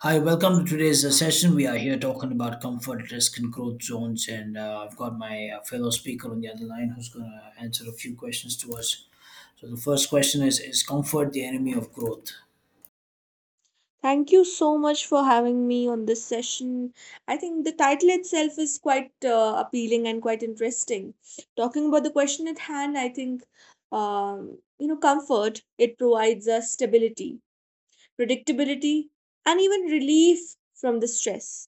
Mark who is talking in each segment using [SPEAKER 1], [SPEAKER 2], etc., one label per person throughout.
[SPEAKER 1] Hi, welcome to today's session. We are here talking about comfort, risk, and growth zones. And I've got my fellow speaker on the other line who's going to answer a few questions to us. So, the first question is comfort the enemy of growth?
[SPEAKER 2] Thank you so much for having me on this session. I think the title itself is quite appealing and quite interesting. Talking about the question at hand, I think, comfort, it provides us stability, predictability, and even relief from the stress,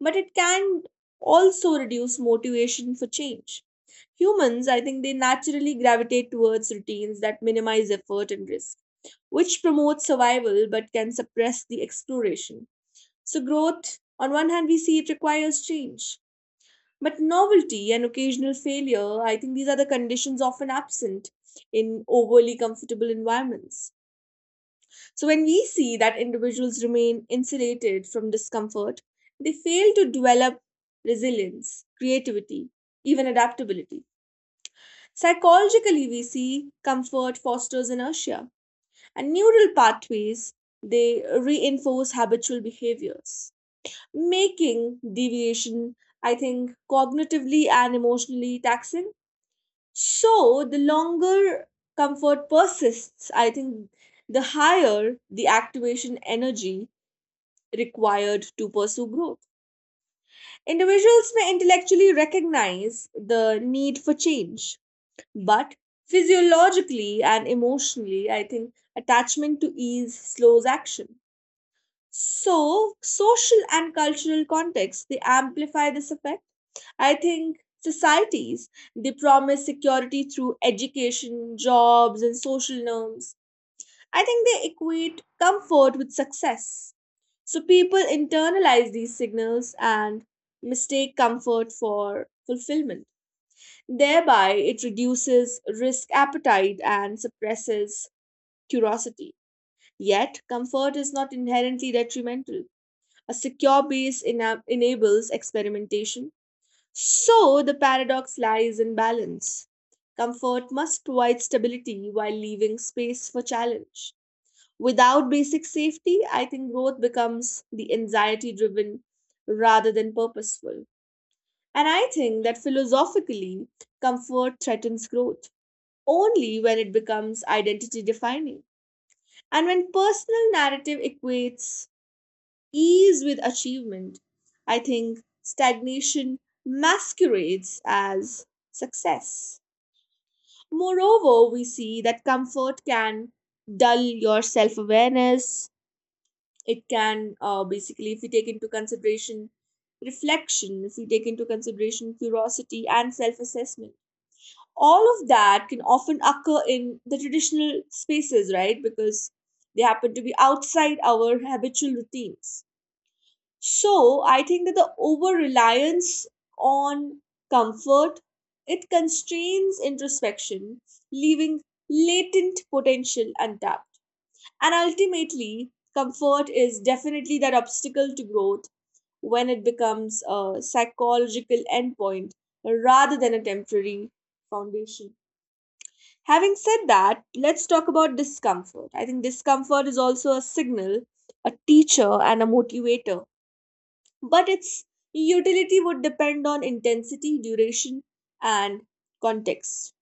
[SPEAKER 2] but it can also reduce motivation for change. Humans, I think they naturally gravitate towards routines that minimize effort and risk, which promotes survival but can suppress the exploration. So, growth, on one hand, we see it requires change, but novelty and occasional failure, I think these are the conditions often absent in overly comfortable environments. So, when we see that individuals remain insulated from discomfort, they fail to develop resilience, creativity, even adaptability. Psychologically, we see comfort fosters inertia, and neural pathways they reinforce habitual behaviors, making deviation, I think, cognitively and emotionally taxing. So, the longer comfort persists, I think, the higher the activation energy required to pursue growth. Individuals may intellectually recognize the need for change, but physiologically and emotionally, I think attachment to ease slows action. So, social and cultural contexts they amplify this effect. I think societies they promise security through education, jobs, and social norms, I think they equate comfort with success. So people internalize these signals and mistake comfort for fulfillment. Thereby, it reduces risk appetite and suppresses curiosity. Yet, comfort is not inherently detrimental. A secure base enables experimentation. So, the paradox lies in balance. Comfort must provide stability while leaving space for challenge. Without basic safety, I think growth becomes the anxiety driven rather than purposeful. And I think that philosophically, comfort threatens growth only when it becomes identity defining. And when personal narrative equates ease with achievement, I think stagnation masquerades as success. Moreover, we see that comfort can dull your self awareness, it can basically, if we take into consideration reflection, if we take into consideration curiosity and self-assessment, all of that can often occur in the traditional spaces, right? Because they happen to be outside our habitual routines. So I think that the over reliance on comfort, it constrains introspection, leaving latent potential untapped, and ultimately, comfort is definitely that obstacle to growth when it becomes a psychological endpoint rather than a temporary foundation. Having said that, let's talk about discomfort. I think discomfort is also a signal, a teacher, and a motivator, but its utility would depend on intensity, duration, and context.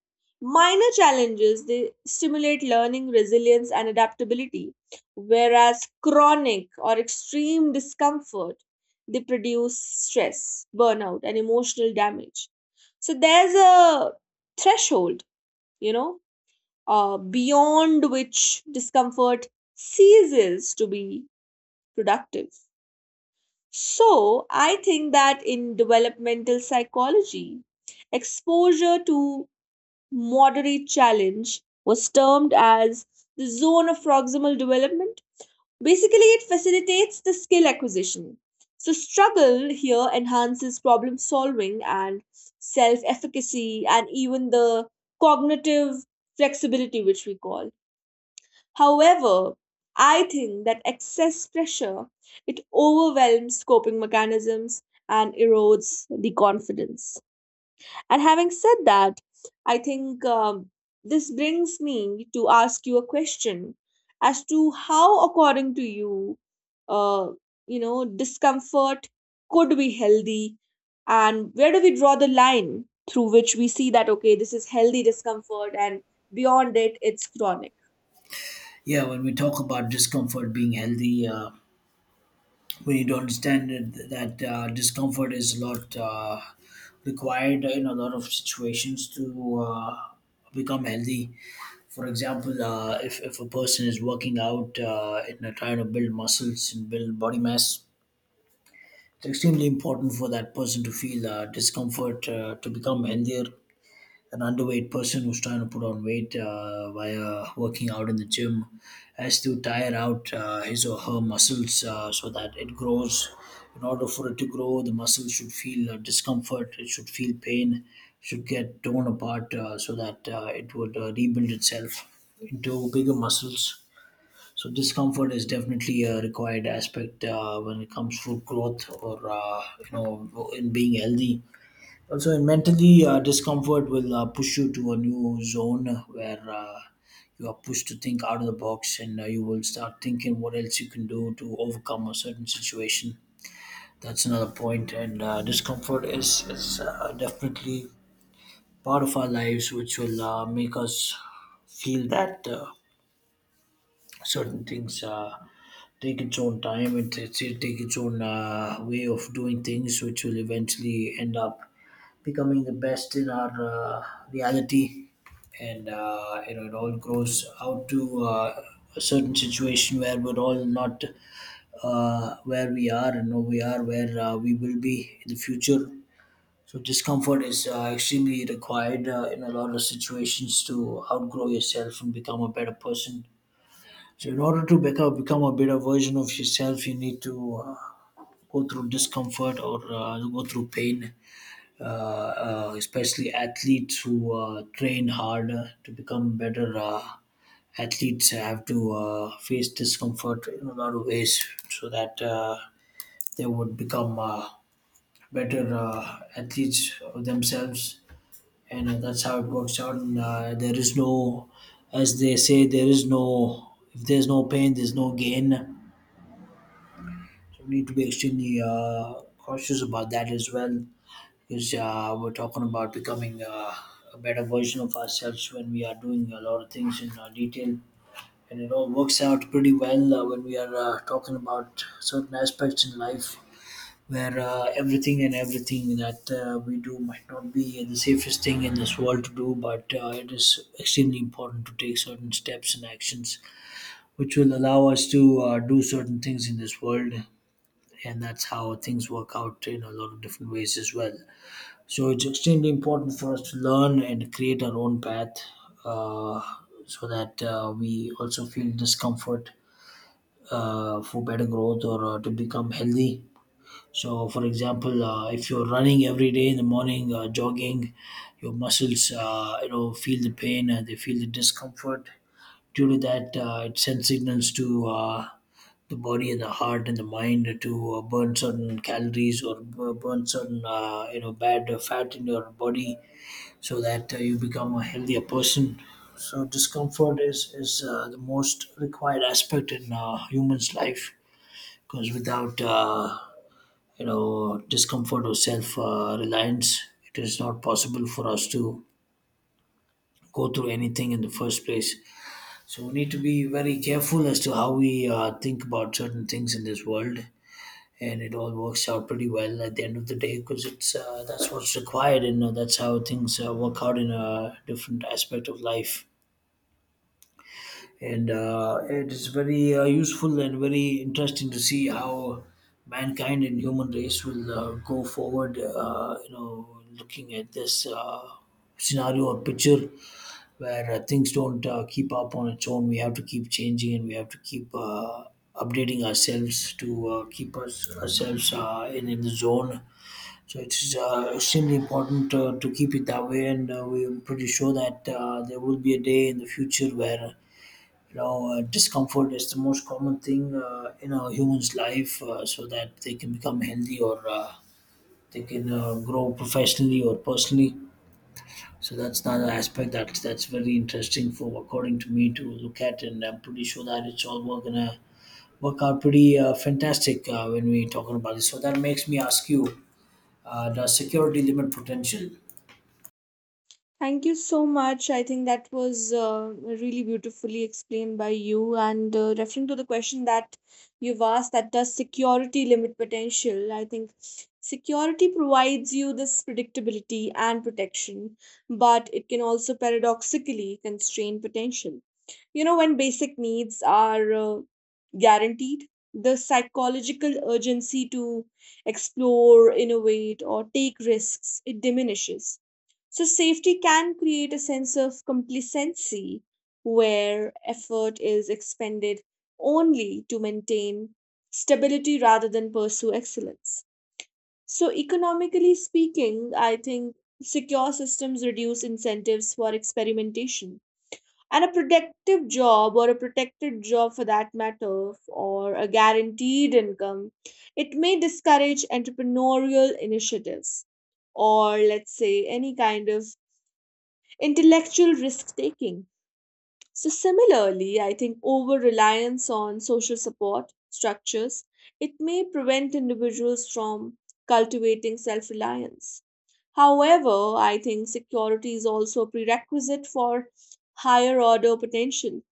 [SPEAKER 2] Minor challenges they stimulate learning, resilience, and adaptability, whereas chronic or extreme discomfort they produce stress, burnout, and emotional damage. So there's a threshold, you know, beyond which discomfort ceases to be productive. So, I think that in developmental psychology, exposure to moderate challenge was termed as the zone of proximal development. Basically, it facilitates the skill acquisition. So, struggle here enhances problem solving and self efficacy, and even the cognitive flexibility, which we call. However, I think that excess pressure, it overwhelms coping mechanisms and erodes the confidence. And having said that, I think this brings me to ask you a question as to how, according to you, uh, discomfort could be healthy, and where do we draw the line through which we see that okay, this is healthy discomfort, and beyond it, it's chronic.
[SPEAKER 1] Yeah, when we talk about discomfort being healthy, we need to understand that discomfort is a lot required in a lot of situations to become healthy. For example, if a person is working out and they're trying to build muscles and build body mass, it's extremely important for that person to feel discomfort to become healthier. An underweight person who's trying to put on weight via working out in the gym has to tire out his or her muscles so that it grows. In order for it to grow, the muscles should feel discomfort, it should feel pain, should get torn apart so that it would rebuild itself into bigger muscles. So discomfort is definitely a required aspect when it comes to growth or in being healthy also, and mentally discomfort will push you to a new zone where you are pushed to think out of the box, and you will start thinking what else you can do to overcome a certain situation. That's another point, and discomfort is definitely part of our lives, which will make us feel that certain things. Take its own time. It take its own way of doing things, which will eventually end up becoming the best in our reality. And it all grows out to a certain situation where we're all not where we are and who we are, where we will be in the future. So discomfort is extremely required in a lot of situations to outgrow yourself and become a better person. So in order to become a better version of yourself, you need to go through discomfort or go through pain. Especially athletes who train harder to become better athletes have to face discomfort in a lot of ways so that they would become better athletes of themselves. And That's how it works out. And There is no, as they say, there is no, if there's no pain, there's no gain. So we need to be extremely cautious about that as well, because we're talking about becoming a better version of ourselves when we are doing a lot of things in detail. And it all works out pretty well when we are talking about certain aspects in life where everything and everything that we do might not be the safest thing in this world to do, but it is extremely important to take certain steps and actions which will allow us to do certain things in this world, and that's how things work out in a lot of different ways as well. So it's extremely important for us to learn and create our own path, uh, so that we also feel discomfort for better growth or to become healthy. So, for example, if you're running every day in the morning, jogging, your muscles, feel the pain and they feel the discomfort. Due to that, it sends signals to the body and the heart and the mind to burn certain calories or burn certain bad fat in your body so that you become a healthier person. So discomfort is the most required aspect in human's life, because without discomfort or self reliance, it is not possible for us to go through anything in the first place. So we need to be very careful as to how we think about certain things in this world, and it all works out pretty well at the end of the day, because it's that's what's required, and that's how things work out in a different aspect of life. And It is very useful and very interesting to see how mankind and human race will go forward, looking at this scenario or picture, where things don't keep up on its own. We have to keep changing and we have to keep updating ourselves to keep us ourselves in the zone. So it's extremely important to keep it that way, and we're pretty sure that there will be a day in the future where discomfort is the most common thing in a human's life, so that they can become healthy or they can grow professionally or personally. So that's another aspect that's very interesting for according to me to look at, and I'm pretty sure that it's all we're gonna work out pretty fantastic when we're talking about this. So that makes me ask you: does security limit potential?
[SPEAKER 2] Thank you so much. I think that was really beautifully explained by you. And referring to the question that you've asked, that does security limit potential? I think security provides you this predictability and protection, but it can also paradoxically constrain potential. You know, when basic needs are guaranteed, the psychological urgency to explore, innovate, or take risks, it diminishes. So, safety can create a sense of complacency where effort is expended only to maintain stability rather than pursue excellence. So, economically speaking, I think secure systems reduce incentives for experimentation. And a productive job, or a protected job for that matter, or a guaranteed income, it may discourage entrepreneurial initiatives or let's say any kind of intellectual risk taking. So, similarly, I think over reliance on social support structures, it may prevent individuals from cultivating self reliance. However, I think security is also a prerequisite for higher order potential.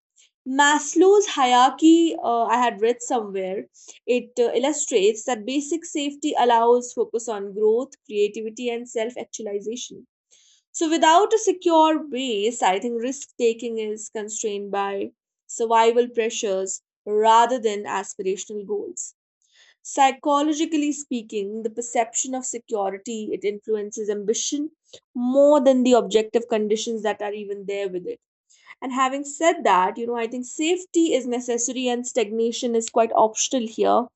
[SPEAKER 2] Maslow's hierarchy, I had read somewhere, it illustrates that basic safety allows focus on growth, creativity, and self actualization. So, without a secure base, I think risk taking is constrained by survival pressures rather than aspirational goals. Psychologically speaking, the perception of security, it influences ambition more than the objective conditions that are even there with it. And having said that, you know, I think safety is necessary and stagnation is quite optional here,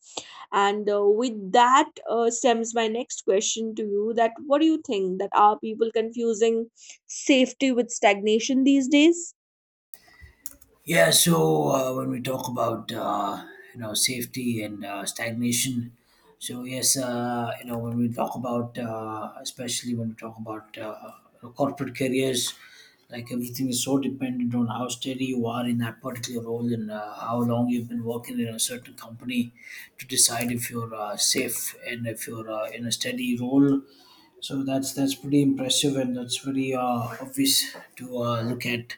[SPEAKER 2] and with that stems my next question to you, that what do you think, that are people confusing safety with stagnation these days?
[SPEAKER 1] Yeah, so when we talk about safety and stagnation, so yes, when we talk about especially when we talk about corporate careers, like everything is so dependent on how steady you are in that particular role and how long you've been working in a certain company to decide if you're safe and if you're in a steady role. So that's pretty impressive, and that's very obvious to look at.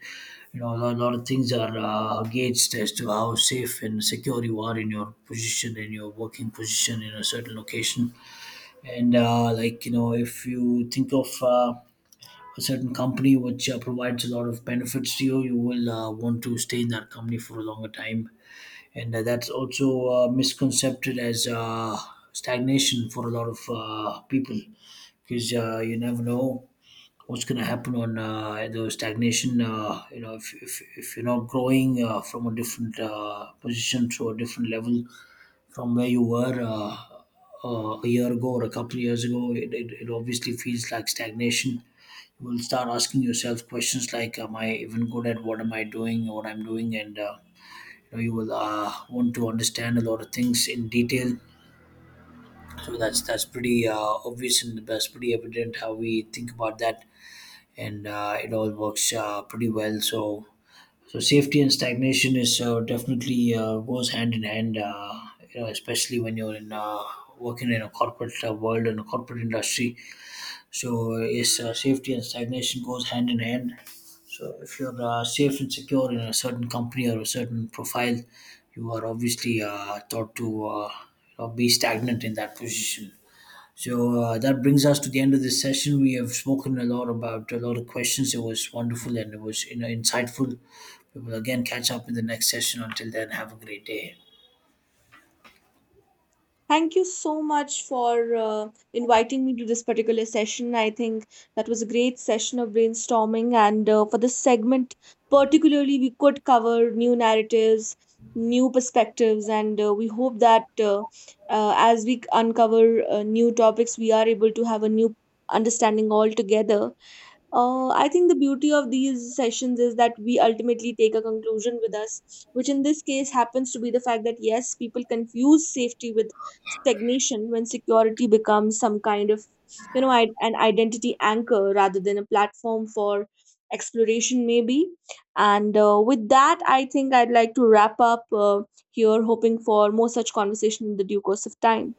[SPEAKER 1] A lot of things are gauged as to how safe and secure you are in your position in your working position in a certain location. And Like if you think of a certain company which provides a lot of benefits to you, you will want to stay in that company for a longer time, and that's also misconcepted as stagnation for a lot of people, because you never know what's going to happen on the stagnation. If you're not growing from a different position to a different level from where you were a year ago or a couple of years ago, it obviously feels like stagnation. You will start asking yourself questions like, am I even good at what I'm doing, and you will want to understand a lot of things in detail. So that's pretty obvious, and that's pretty evident how we think about that. And it all works pretty well, so safety and stagnation is definitely goes hand in hand, especially when you're in working in a corporate world and a corporate industry. So is safety and stagnation goes hand in hand. So if you're safe and secure in a certain company or a certain profile, you are obviously thought to be stagnant in that position. So that brings us to the end of this session. We have spoken a lot about a lot of questions. It was wonderful, and it was insightful. We will again catch up in the next session. Until then, have a great day.
[SPEAKER 2] Thank you so much for inviting me to this particular session. I think that was a great session of brainstorming, and for this segment particularly, we could cover new narratives, new perspectives, and we hope that as we uncover new topics, we are able to have a new understanding altogether. I think the beauty of these sessions is that we ultimately take a conclusion with us, which in this case happens to be the fact that yes, people confuse safety with stagnation when security becomes some kind of, you know, an identity anchor rather than a platform for exploration, maybe. And with that, I think I'd like to wrap up here, hoping for more such conversation in the due course of time.